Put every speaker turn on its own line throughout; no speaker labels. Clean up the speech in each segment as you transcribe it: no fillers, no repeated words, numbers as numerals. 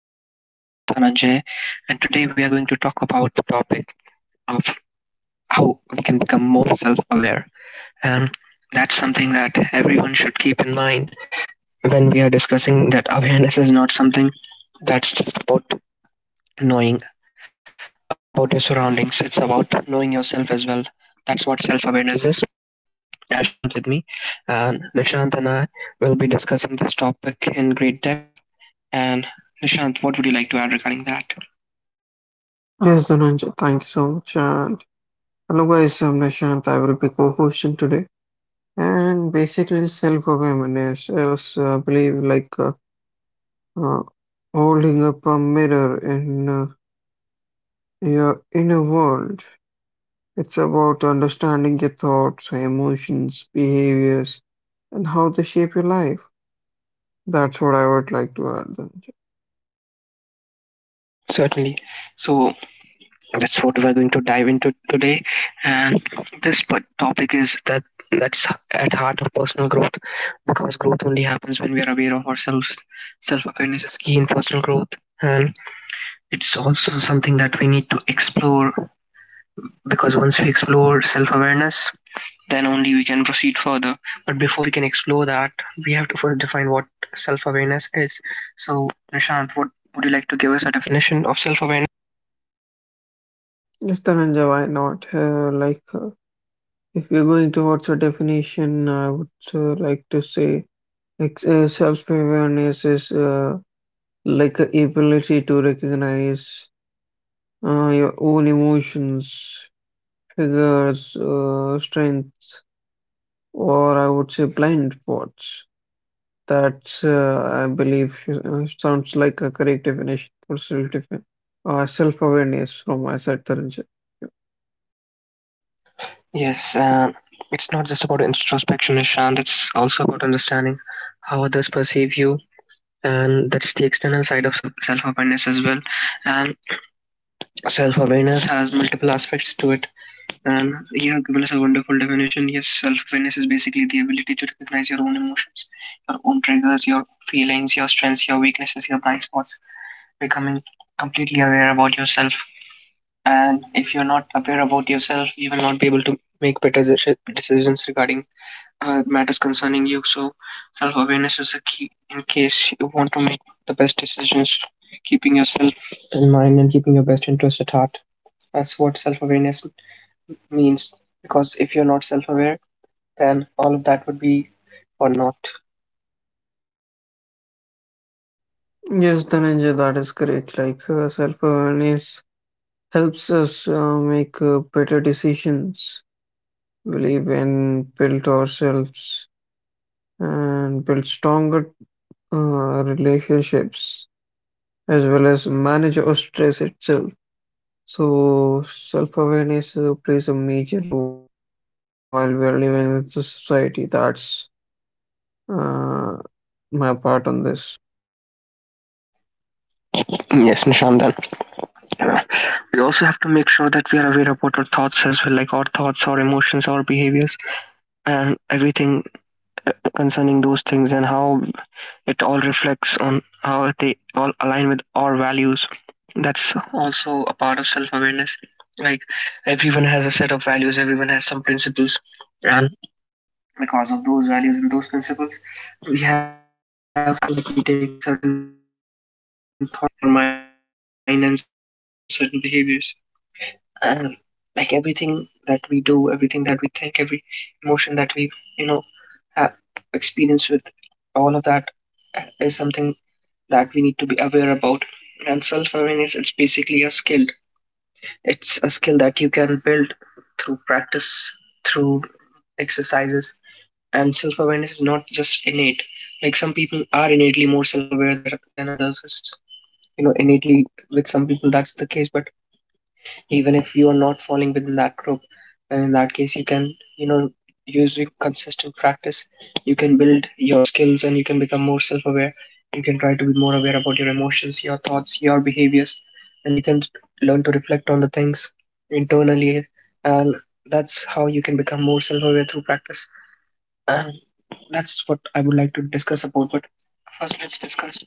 your host, Dhananjay, and today we are going to talk about the topic of how we can become more self aware. And that's something that everyone should keep in mind when we are discussing that awareness is not something that's just about knowing about your surroundings, it's about knowing yourself as well. That's what self awareness is. And I have Nishant with me, and Nishant and I will be discussing this topic in great depth. And Nishant, what would you like to add regarding that?
Yes, Dhananjay, thank you so much. And hello, guys, I'm Nishant. I will be co-hosting today. And basically, self-awareness is, I believe, uh, holding up a mirror in your inner world. It's about understanding your thoughts, emotions, behaviors, and how they shape your life. That's what I would like to add, Dhananjay.
Certainly. So that's what we're going to dive into today. And this topic is that's at heart of personal growth because growth only happens when we are aware of ourselves. Self-awareness is key in personal growth. And it's also something that we need to explore because once we explore self-awareness, then only we can proceed further. But before we can explore that, we have to first define what self-awareness is. So, Nishant, what would you like to give us a definition of self-awareness?
Yes, Dhananjay, why not? If you're going towards a definition, I would like to say. Self-awareness is like a ability to recognize your own emotions, triggers, strengths, or I would say blind spots. I believe, sounds like a correct definition for self-awareness from my side, Taranj.
Yes, it's not just about introspection, Nishant. It's also about understanding how others perceive you, and that's the external side of self awareness as well. And self awareness has multiple aspects to it. And you have given us a wonderful definition. Yes, self awareness is basically the ability to recognize your own emotions, your own triggers, your feelings, your strengths, your weaknesses, your blind spots, becoming completely aware about yourself. And if you're not aware about yourself, you will not be able to make better decisions regarding matters concerning you. So self awareness is a key in case you want to make the best decisions, keeping yourself in mind and keeping your best interest at heart. That's what self awareness means. Because if you're not self aware, then all of that would be or not.
Yes, Dhananjay, that is correct. Self-awareness helps us make better decisions, believe and build ourselves and build stronger relationships as well as manage our stress itself. So self-awareness plays a major role while we are living in the society. That's uh, my part on this.
Yes, Nishant. Then uh, we also have to make sure that we are aware about our thoughts as well, like our thoughts, our emotions, our behaviors, and everything concerning those things, and how it all reflects on how they all align with our values. That's also a part of self-awareness. Like, everyone has a set of values, everyone has some principles, and because of those values and those principles, we have certain actions that we take, certain thoughts that we have in our mind, and certain emotions and certain behaviors. And like everything that we do, everything that we think, every emotion that we you know ha- experience with, all of that is something that we need to be aware about. And self awareness, it's basically a skill. It's a skill that you can build through practice, through exercises. And self awareness is not just innate. Like some people are innately more self aware than others. It's, you know, innately with some people, that's the case, but even if you are not falling within that group, then in that case you can, you know, using consistent practice, you can build your skills and you can become more self-aware. You can try to be more aware about your emotions, your thoughts, your behaviors, and you can learn to reflect on the things internally. And that's how you can become more self-aware through practice, and that's what I would like to discuss about. But first, let's discuss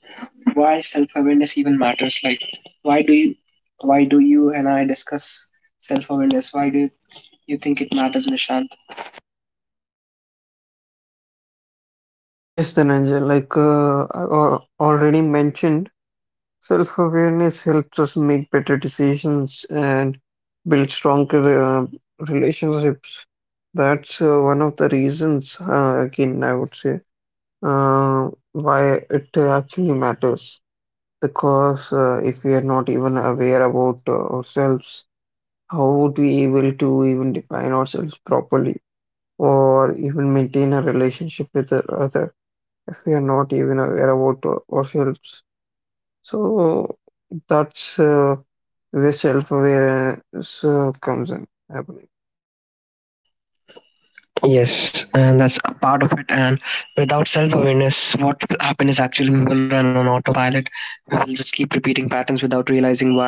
why self-awareness even matters. Like, why do you, why do you and I discuss self-awareness? Why do you think it matters, Nishant?
Yes, Dhananjay, I already mentioned. Self-awareness helps us make better decisions and build stronger relationships. That's one of the reasons, again, I would say, why it actually matters. Because if we are not even aware about ourselves, how would we able to even define ourselves properly or even maintain a relationship with the other if we are not even aware about ourselves? So that's where self-awareness comes in, I believe.
Yes, and that's a part of it. And without self-awareness, what will happen is actually we will run on autopilot. We will just keep repeating patterns without realizing why.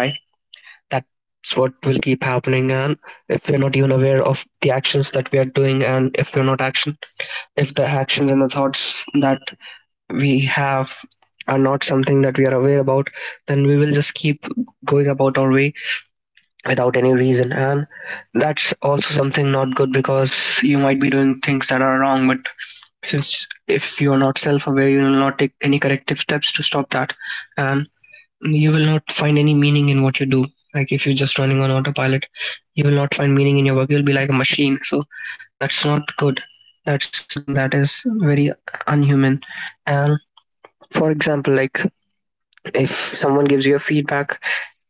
That's what will keep happening. And if we're not even aware of the actions that we are doing, and if the actions and the thoughts that we have are not something that we are aware about, then we will just keep going about our way without any reason. And that's also something not good, because you might be doing things that are wrong, but since if you are not self aware, you will not take any corrective steps to stop that. And you will not find any meaning in what you do. Like if you're just running on autopilot, you will not find meaning in your work. You'll be like a machine. So that's not good. That's something that is very unhuman. And for example, like if someone gives you a feedback,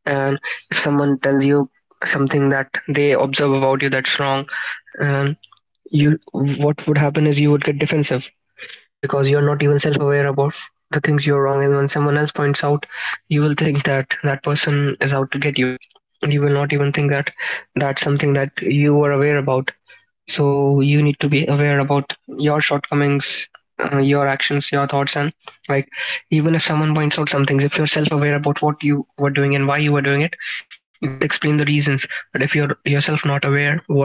and if someone tells you something that they observe about you that's wrong, and you what would happen is you would get defensive because you're not even self-aware about the things you're wrong, and when someone else points out, you will think that that person is out to get you, and you will not even think that that's something that you were aware about. So you need to be aware about your shortcomings, your actions, your thoughts, and like even if someone points out some things, if you're self-aware about what you were doing and why you were doing it, you can at least explain the reasons. But if you're yourself not aware what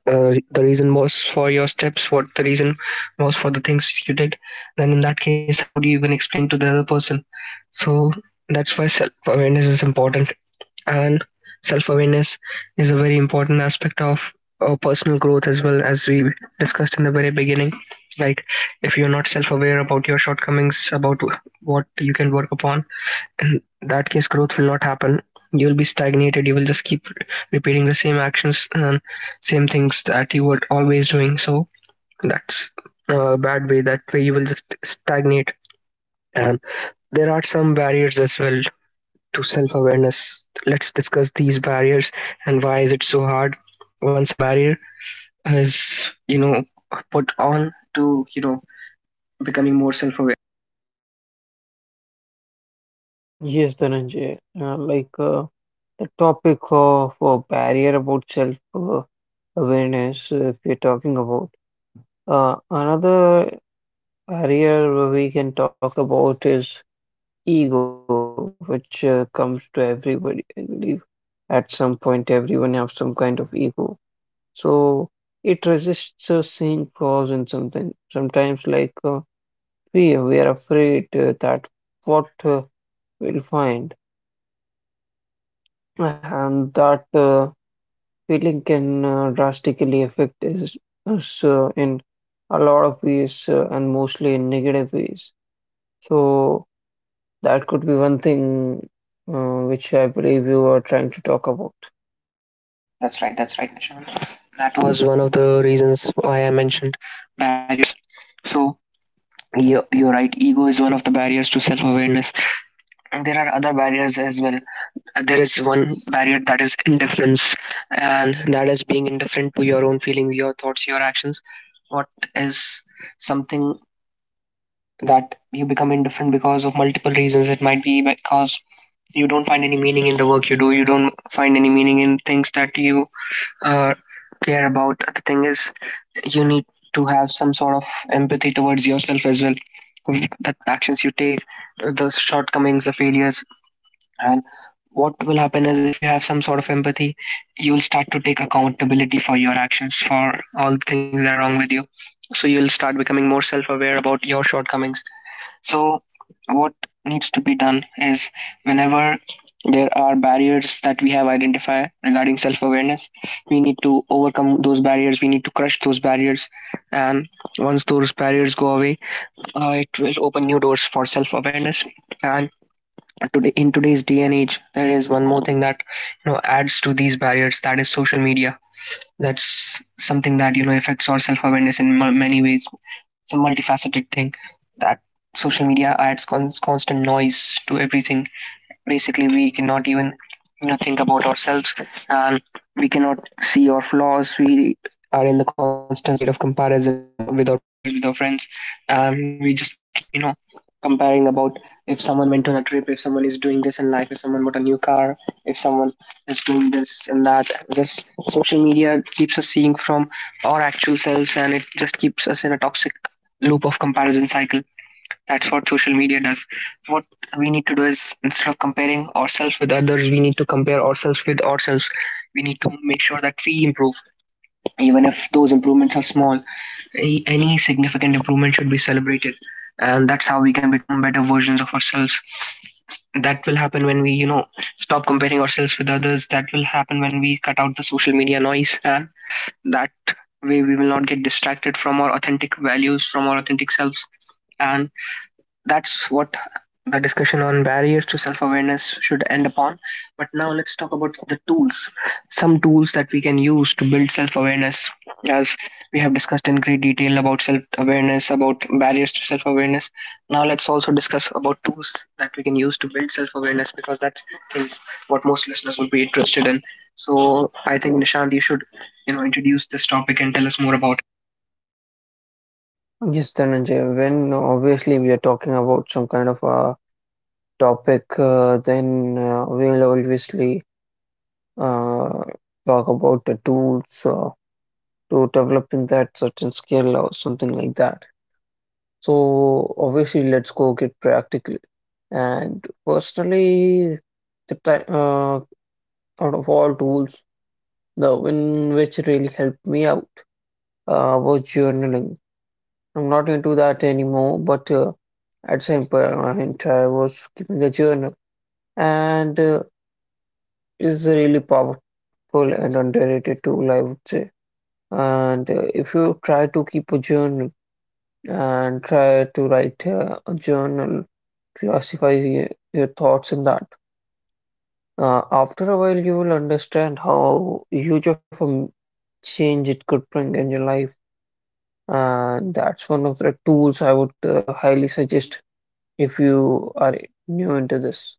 the reason was for your steps, what the reason was for the things you did, then in that case, how would you even explain to the other person? So that's why self awareness is important, and self awareness is a very important aspect of personal growth, as well as we discussed in the very beginning. Like, if you're not self aware about your shortcomings, about what you can work upon, in that case growth will not happen. You will be stagnated, you will just keep repeating the same actions and same things that you were always doing. So that's a bad way. That way you will just stagnate. And there are some barriers as well to self-awareness. Let's discuss these barriers and why is it so hard once a barrier is, you know, put on to, you know, becoming more self-aware.
Yes, Dhananjay. The topic of barrier about self awareness, if we're talking about another barrier we can talk about is ego, which comes to everybody. I believe at some point everyone have some kind of ego, so it resists seeing flaws in something. Sometimes, we were afraid that what we'll find and that feeling can drastically affect us, us in a lot of ways and mostly in negative ways. So that could be one thing which I believe you are trying to talk about.
That's right. That's right, Nishant. That was one of the reasons why I mentioned barriers. So you're right. Ego is one of the barriers to self-awareness. And there are other barriers as well. There is one barrier that is indifference, and that is being indifferent to your own feelings, your thoughts, your actions. What is something that you become indifferent because of multiple reasons? It might be because you don't find any meaning in the work you do. You don't find any meaning in things that you uh, care about. The thing is, you need to have some sort of empathy towards yourself as well. The actions you take, the shortcomings, the failures, and what will happen is if you have some sort of empathy, you'll start to take accountability for your actions, for all the things that are wrong with you. So you'll start becoming more self aware about your shortcomings. So, what needs to be done is whenever there are barriers that we have identified regarding self awareness, we need to overcome those barriers, we need to crush those barriers. And once those barriers go away, it will open new doors for self awareness. And today, in today's day and age, there is one more thing that, you know, adds to these barriers, that is social media. That's something that, you know, affects our self-awareness in many ways. It's a multifaceted thing, that social media adds constant noise to everything. Basically we cannot even, you know, think about ourselves, and we cannot see our flaws. We are in the constant state of comparison, not with our peers, with our friends, and we just keep, you know, comparing about if someone went on a trip, if someone is doing this in life, if someone bought a new car, if someone is doing this and that. This social media keeps us seeing from our actual selves, and it just keeps us in a toxic loop of comparison cycle. That's what social media does. What we need to do is instead of comparing ourselves with others, we need to compare ourselves with ourselves. We need to make sure that we improve, even if those improvements are small. Any significant improvement should be celebrated. And that's how we can become better versions of ourselves. That will happen when we, you know, stop comparing ourselves with others. That will happen when we cut out the social media noise. And that way, we will not get distracted from our authentic values, from our authentic selves. And that's what the discussion on barriers to self awareness should end upon. But now let's talk about the tools. Some tools that we can use to build self awareness, as we have discussed in great detail about self awareness, about barriers to self awareness. Now let's also discuss about tools that we can use to build self awareness because that's, I think, what most listeners would be interested in. So I think Nishant, you should introduce this topic and tell us more about.
Yes, Dhananjay, when obviously we are talking about some kind of a topic, then we'll obviously uh, talk about the tools. To developing that certain skill or something like that. So obviously, let's go get practical. And personally, the time out of all tools, the one which really helped me out was journaling. I'm not into that anymore, but at some point I was keeping a journal, and is a really powerful and underrated tool, I would say. And if you try to keep a journal and try to write a journal, classify your thoughts in that. After a while, you will understand how huge of a change it could bring in your life, and that's one of the tools I would highly suggest if you are new into this.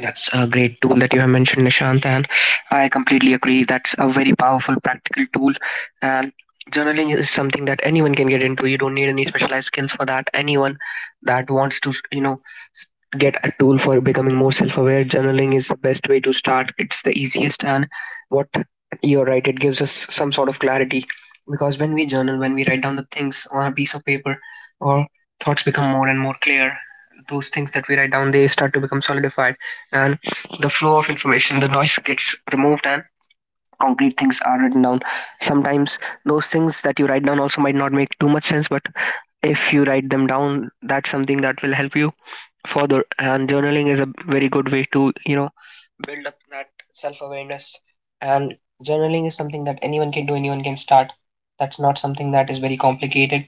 That's a great tool that you have mentioned, Nishant, and I completely agree. That's a very powerful, practical tool. And journaling is something that anyone can get into. You don't need any specialized skills for that. Anyone that wants to, get a tool for becoming more self-aware, journaling is the best way to start. It's the easiest, and what you're right, it gives us some sort of clarity because when we journal, when we write down the things on a piece of paper, our thoughts become more and more clear. Those things that we write down, they start to become solidified. And the flow of information, the noise gets removed, and concrete things are written down. Sometimes those things that you write down also might not make too much sense, but if you write them down, that's something that will help you further. And journaling is a very good way to build up that self-awareness. And journaling is something that anyone can do, anyone can start. That's not something that is very complicated.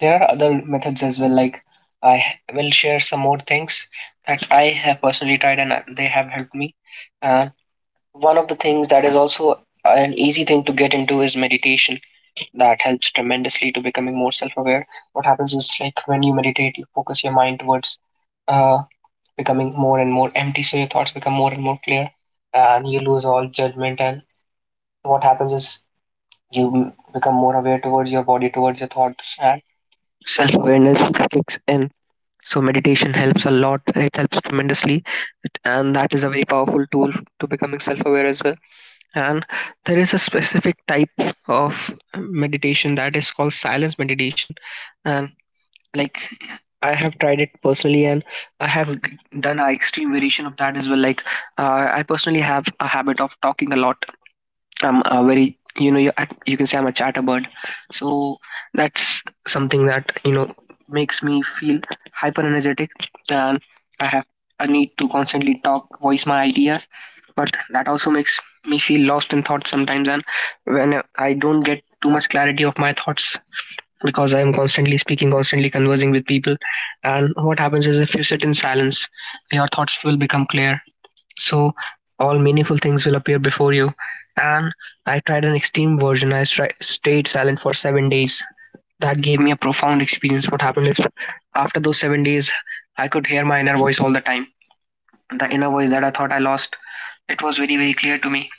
There are other methods as well, like I will share some more things that I have personally tried, and they have helped me. And one of the things that is also an easy thing to get into is meditation. That helps tremendously to becoming more self aware. What happens is, like, when you meditate, you focus your mind towards uh, becoming more and more empty, so your thoughts become more and more clear, and you lose all judgment. And what happens is you become more aware towards your body, towards your thoughts, and self awareness kicks in. So meditation helps a lot. It helps tremendously. And that is a very powerful tool to becoming self aware as well. And there is a specific type of meditation that is called silence meditation. And like I have tried it personally, and I have done an extreme variation of that as well. Like, I personally have a habit of talking a lot. I'm a very, you know, you can say I'm a chatterbird. So that's something that, you know, makes me feel hyper energetic, and I have a need to constantly talk, voice my ideas. But that also makes me feel lost in thoughts sometimes, and when I don't get too much clarity of my thoughts because I am constantly speaking, constantly conversing with people. And what happens is, if you sit in silence, your thoughts will become clear, so all meaningful things will appear before you. And I tried an extreme version. I stayed silent for 7 days. That gave me a profound experience. What happened is, after those 7 days, I could hear my inner voice all the time. The inner voice that I thought I lost, it was very, very clear to me.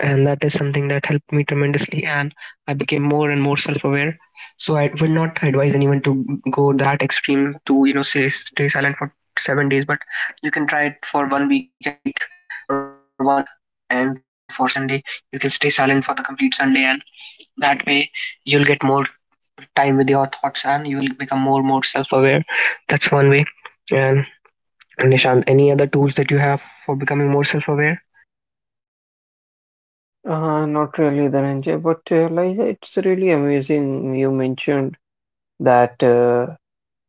And that is something that helped me tremendously. And I became more and more self aware. So I would not advise anyone to go that extreme to, you know, say stay silent for 7 days, but you can try it for one week. And for one week for Sunday, you can stay silent for the complete Sunday, and that way you'll get more time with your thoughts and you will become more self-aware. That's one way. And Nishant, any other tools that you have for becoming more self-aware?
Not really, Dhananjay, but like it's really amazing. You mentioned that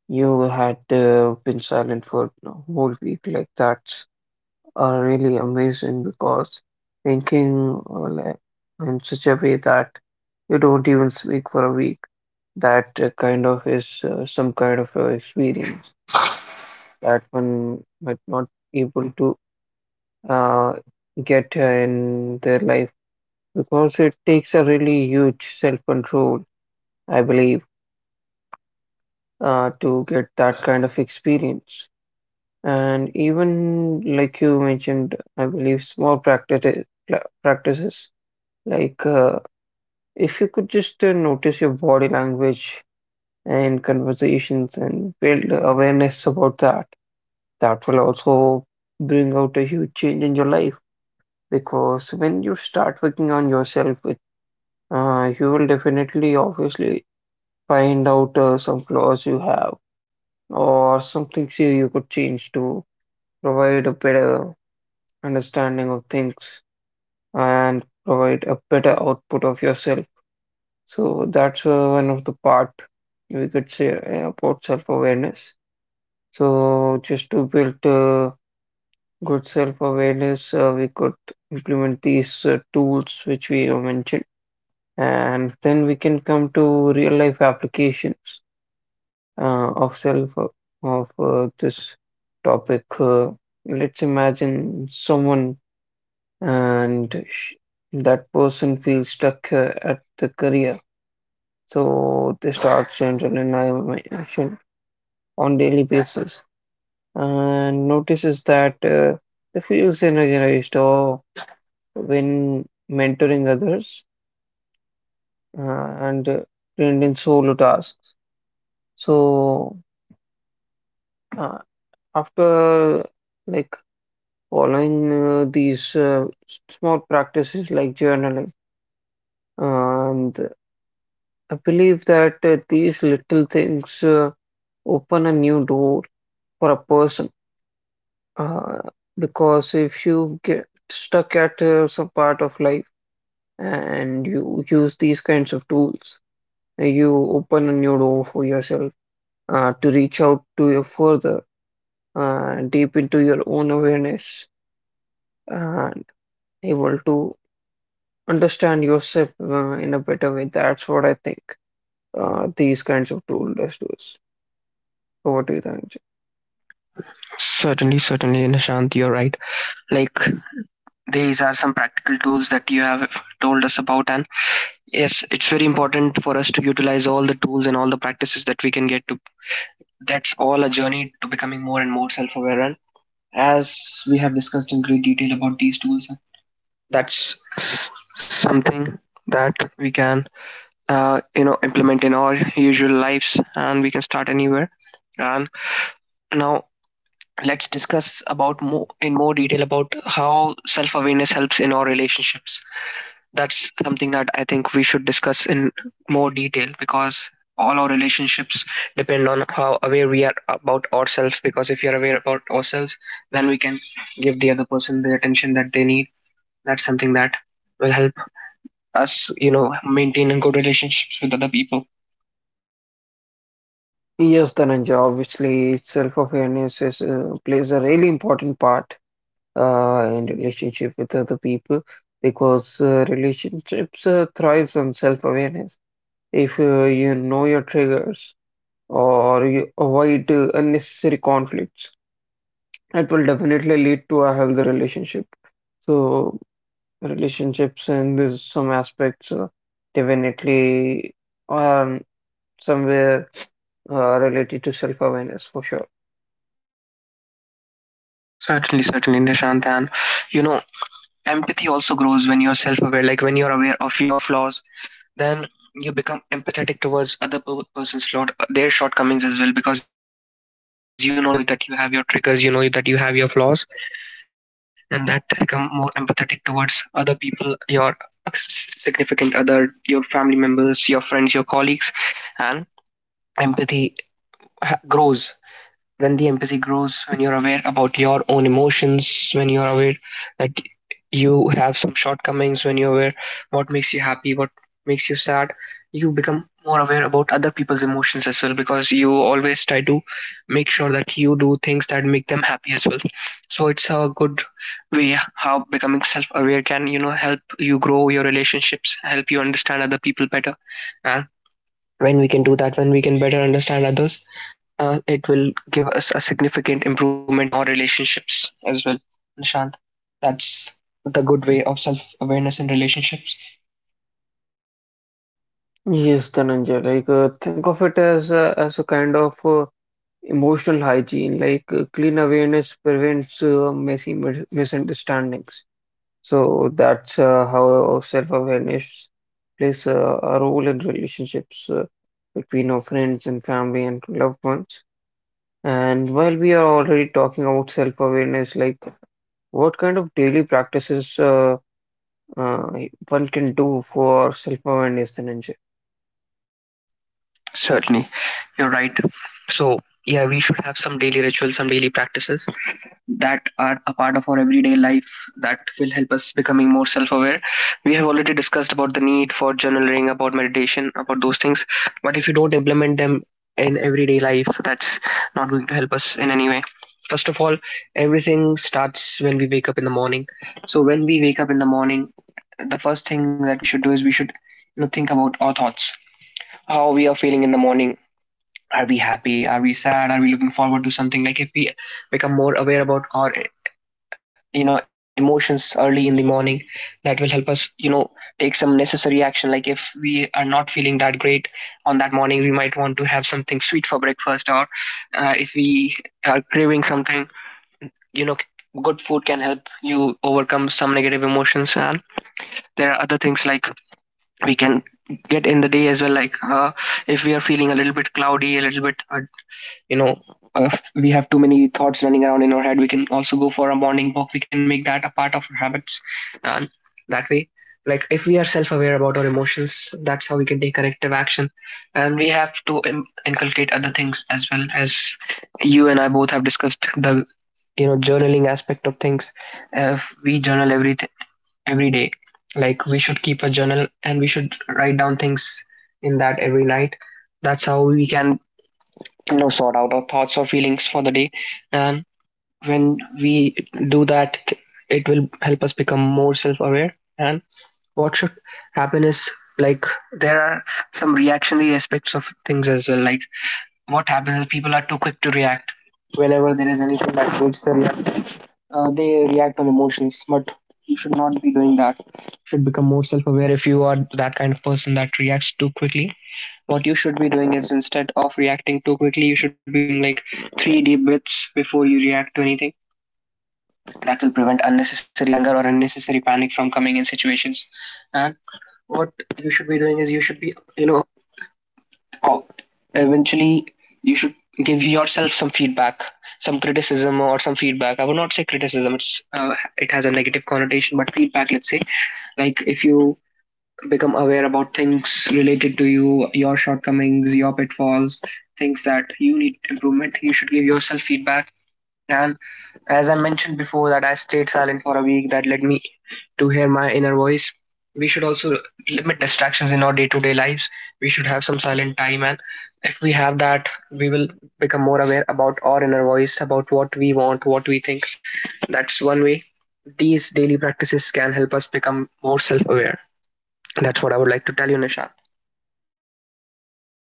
you had been silent for a whole week like that. Are really amazing because thinking in such a way that you don't even speak for a week, that kind of is some kind of experience that one might not able to uh, get in their life because it takes a really huge self-control, I believe, to get that kind of experience. And even like you mentioned, I believe small practices. Like, uh, if you could just notice your body language and conversations and build awareness about that, that will also bring out a huge change in your life. Because when you start working on yourself, you will definitely, obviously, find out some flaws you have or some things you could change to provide a better understanding of things and provide a better output of yourself. So that's one of the part we could say about self-awareness. So just to build good self-awareness, we could implement these tools which we have mentioned, and then we can come to real-life applications uh, of self uh, of this topic. Let's imagine someone and sh- that person feels stuck at the career. So they start general elimination on daily basis and notices that they feel energized or when mentoring others uh, and trained in solo tasks. So uh, after like following these small practices like journaling, and I believe that these little things open a new door for a person. Uh, because if you get stuck at some part of life and you use these kinds of tools, you open a new door for yourself to reach out to your further deep into your own awareness and able to understand yourself in a better way. That's what I think these kinds of tools does to us. So what do you think, Dhananjay?
Certainly, certainly, Nishant, you're right. Like, these are some practical tools that you have told us about, and yes, it's very important for us to utilize all the tools and all the practices that we can get to. That's all a journey to becoming more and more self-aware. As we have discussed in great detail about these tools, that's something that we can, you know, implement in our usual lives, and we can start anywhere. And now let's discuss about more, in more detail, about how self-awareness helps in our relationships. That's something that I think we should discuss in more detail because all our relationships depend on how aware we are about ourselves. Because if you're aware about ourselves, then we can give the other person the attention that they need. That's something that will help us, you know, maintain good relationships with other people.
Yes, Dhananjay, obviously self-awareness is, plays a really important part and relationship with other people because relationships thrives on self-awareness. If you know your triggers or you avoid unnecessary conflicts, it will definitely lead to a healthy relationship. So relationships in this some aspects definitely are somewhere related to self-awareness for sure.
Certainly, certainly, Nishant. And, you know, empathy also grows when you're self aware. Like, when you're aware of your flaws, then you become empathetic towards other person's flaw, their shortcomings as well, because you know that you're not perfect, you know that you have your triggers, you know that you have your flaws. And that helps you become more empathetic towards other people, your significant other, your family members, your friends, your colleagues. And empathy ha- grows when the empathy grows when you're aware about your own emotions, when you're aware that you have some shortcomings, when you're aware what makes you happy, what makes you sad, you become more aware about other people's emotions as well, because you always try to make sure that you do things that make them happy as well. So it's a good way how becoming self-aware can, you know, help you grow your relationships, help you understand other people better. And when we can do that, when we can better understand others, it will give us a significant improvement in our relationships as well. Nishant, that's the good way of self awareness in relationships.
Yes, Dhananjay, think of it as as a kind of emotional hygiene, clean awareness prevents messy misunderstandings. So that's how self-awareness plays a role in relationships between our friends and family and loved ones. And while we are already talking about self-awareness, like what kind of daily practices uh, one can do for self-awareness, Dhananjay?
Certainly, you're right. So, yeah, we should have some daily rituals, some daily practices that are a part of our everyday life that will help us becoming more self-aware. We have already discussed about the need for journaling, about meditation, about those things. But if you don't implement them in everyday life, that's not going to help us in any way. First of all, everything starts when we wake up in the morning. So when we wake up in the morning, the first thing that we should do is we should, you know, think about our thoughts, how we are feeling in the morning. Are we happy, are we sad, are we looking forward to something? Like, if we become more aware about our, you know, emotions early in the morning, that will help us, you know, take some necessary action. Like, if we are not feeling that great on that morning, we might want to have something sweet for breakfast. Or if we are craving something, you know, good food can help you overcome some negative emotions. And there are other things, like, we can get in the day as well, like, if we are feeling a little bit cloudy, a little bit, you know, if we have too many thoughts running around in our head, we can also go for a morning walk, we can make that a part of our habits. And that way, like, if we are self-aware about our emotions, that's how we can take corrective action. And we have to inculcate other things as well. As you and I both have discussed the, you know, journaling aspect of things, if we journal every day, like, we should keep a journal and we should write down things in that every night. That's how we can, no, sort out our thoughts or feelings for the day. And when we do that, it will help us become more self-aware. And what should happen is, like, there are some reactionary aspects of things as well. Like, what happens is people are too quick to react whenever there is anything that needs the reaction. They react on emotions, but you should not be doing that. You should become more self-aware if you are that kind of person that reacts too quickly. What you should be doing is, instead of reacting too quickly, you should be taking, like, three deep breaths before you react to anything. That will prevent unnecessary anger or unnecessary panic from coming in situations. And what you should be doing is you should be, you know, Oh, eventually you should give yourself some feedback, some criticism or some feedback. I would not say criticism; it's it has a negative connotation, but feedback. Let's say, like, if you become aware about things related to you, your shortcomings, your pitfalls, things that you need improvement, you should give yourself feedback. And as I mentioned before, that I stayed silent for a week, that led me to hear my inner voice. We should also limit distractions in our day to day lives. We should have some silent time, and if we have that, we will become more aware about our inner voice, about what we want, what we think. That's one way. These daily practices can help us become more self aware. That's what I would like to tell you, Nishant.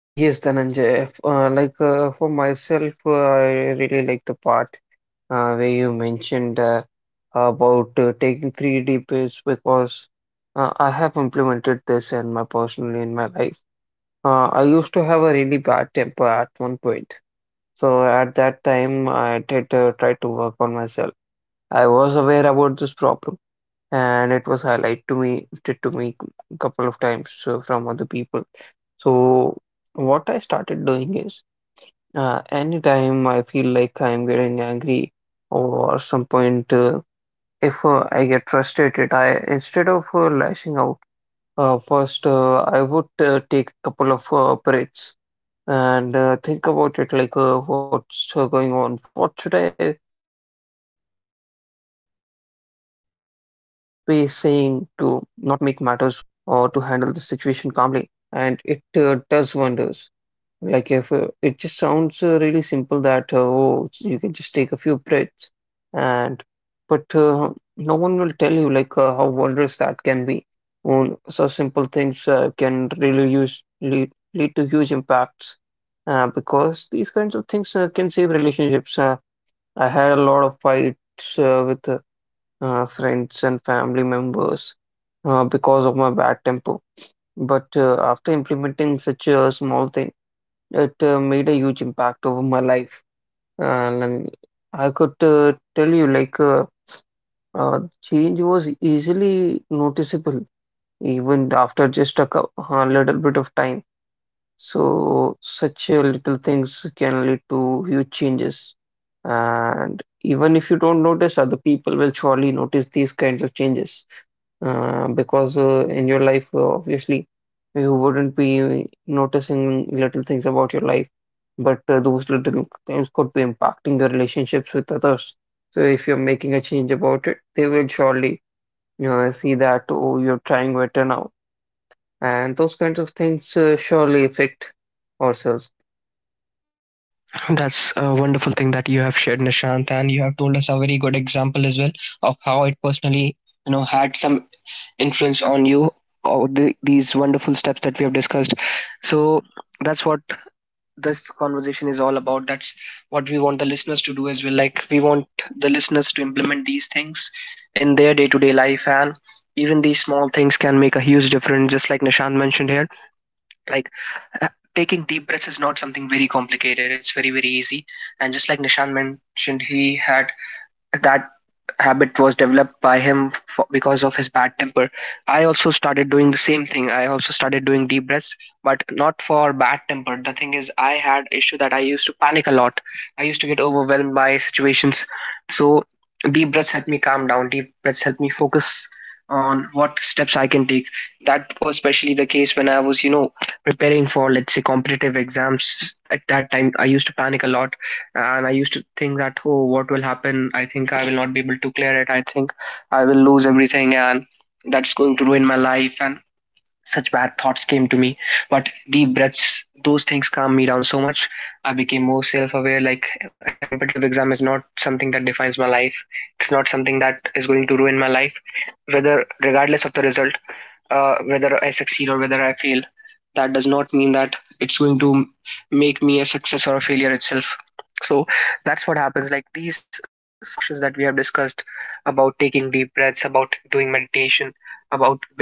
Yes, Dhananjay. If, like for myself, I really like the part where you mentioned about taking 3D pills because I have implemented this in my personally in my life. I used to have a really bad temper at one point. So at that time, I did try to work on myself. I was aware about this problem, and it was highlighted to me a couple of times from other people. So what I started doing is, anytime I feel like I'm getting angry or some point. If I get frustrated, I instead of lashing out, first I would take a couple of breaths and think about it like what's going on, what should I be saying to not make matters worse or to handle the situation calmly. And it does wonders. Like if it just sounds really simple that oh, you can just take a few breaths, and but no one will tell you like how wondrous that can be. Such simple things can really use lead to huge impacts because these kinds of things can save relationships. I had a lot of fights with friends and family members because of my bad temper. But after implementing such a small thing, it made a huge impact over my life. And I could tell you, change was easily noticeable even after just a little bit of time. So, such little things can lead to huge changes. And even if you don't notice, other people will surely notice these kinds of changes. Because in your life, obviously, you wouldn't be noticing little things about your life, but those little things could be impacting your relationships with others. So if you're making a change about it, they will surely, you know, I see that, oh, you're trying better now. And those kinds of things surely affect ourselves.
That's a wonderful thing that you have shared, Nishant, and you have told us a very good example as well of how it personally, you know, had some influence on you. Or the, these wonderful steps that we have discussed, so that's what this conversation is all about. That's what we want the listeners to do as well. Like, we want the listeners to implement these things in their day-to-day life. And even these small things can make a huge difference, just like Nishant mentioned here. Like, uh, taking deep breaths is not something very complicated. It's very, very easy. And just like Nishant mentioned, he had that habit was developed by him for, because of his bad temper. I also started doing the same thing. I also started doing deep breaths, but not for bad temper. The thing is, I had issue that I used to panic a lot. I used to get overwhelmed by situations. So deep breaths help me calm down, deep breaths help me focus on what steps I can take. That was especially the case when I was, you know, preparing for, let's say, competitive exams. At that time, I used to panic a lot, and I used to think that, oh, what will happen, I think I will not be able to clear it, I think I will lose everything, and that's going to ruin my life, and such bad thoughts came to me. But deep breaths, those things calm me down so much. I became more self-aware, like, a competitive exam is not something that defines my life. It's not something that is going to ruin my life. Whether, regardless of the result, whether I succeed or whether I fail, that does not mean that it's going to make me a success or a failure itself. So that's what happens. Like, these small actions that we have discussed about taking deep breaths, about doing meditation, about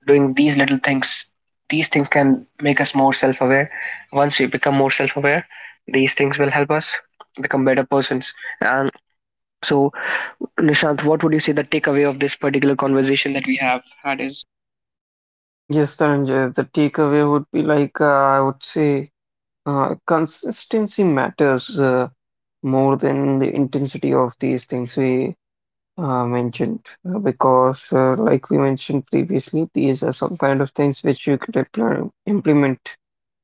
doing these little things, these things can make us more self aware. Once we become more self aware, these things will help us become better persons. And so, Nishant, what would you say the takeaway of this particular conversation that we have had is?
Yes, Dhananjay, the takeaway would be like, I would say, consistency matters more than the intensity of these things we mentioned. Because, like we mentioned previously, these are some kind of things which you could implement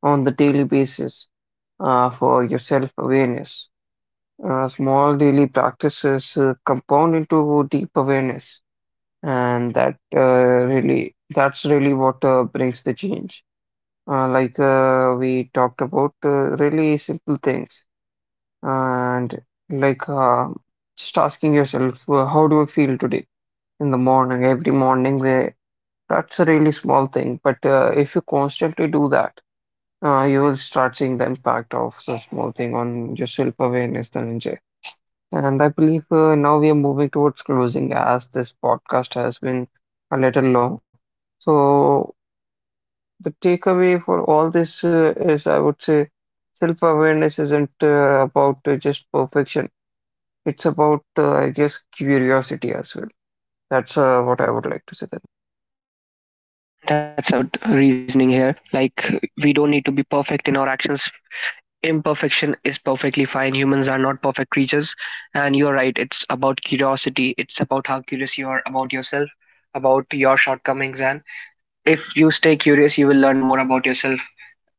on the daily basis for your self-awareness. Small daily practices compound into deep awareness, and that's really what brings the change. We talked about really simple things, and like uh, just asking yourself, how do I feel today in the morning, every morning? That's a really small thing, but if you constantly do that, you will start seeing the impact of such small thing on your self-awareness, Dhananjay. And I believe now we are moving towards closing as this podcast has been a little long. So, the takeaway for all this is I would say self-awareness isn't about just perfection. It's about, I guess, curiosity as well. That's what I would like to say.
That's a very good reasoning here. Like, we don't need to be perfect in our actions. Imperfection is perfectly fine. Humans are not perfect creatures. And you're right. It's about curiosity. It's about how curious you are about yourself, about your shortcomings. And if you stay curious, you will learn more about yourself.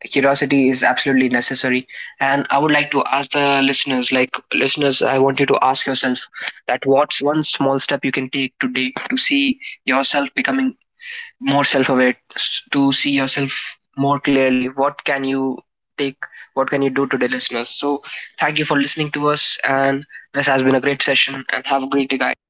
Curiosity is absolutely necessary. And I would like to ask the listeners, like, listeners, I want you to ask yourself that what's one small step you can take today to see yourself becoming more self-aware, to see yourself more clearly. What can you take, what can you do today, listeners? So thank you for listening to us, and this has been a great session, and have a great day, guys.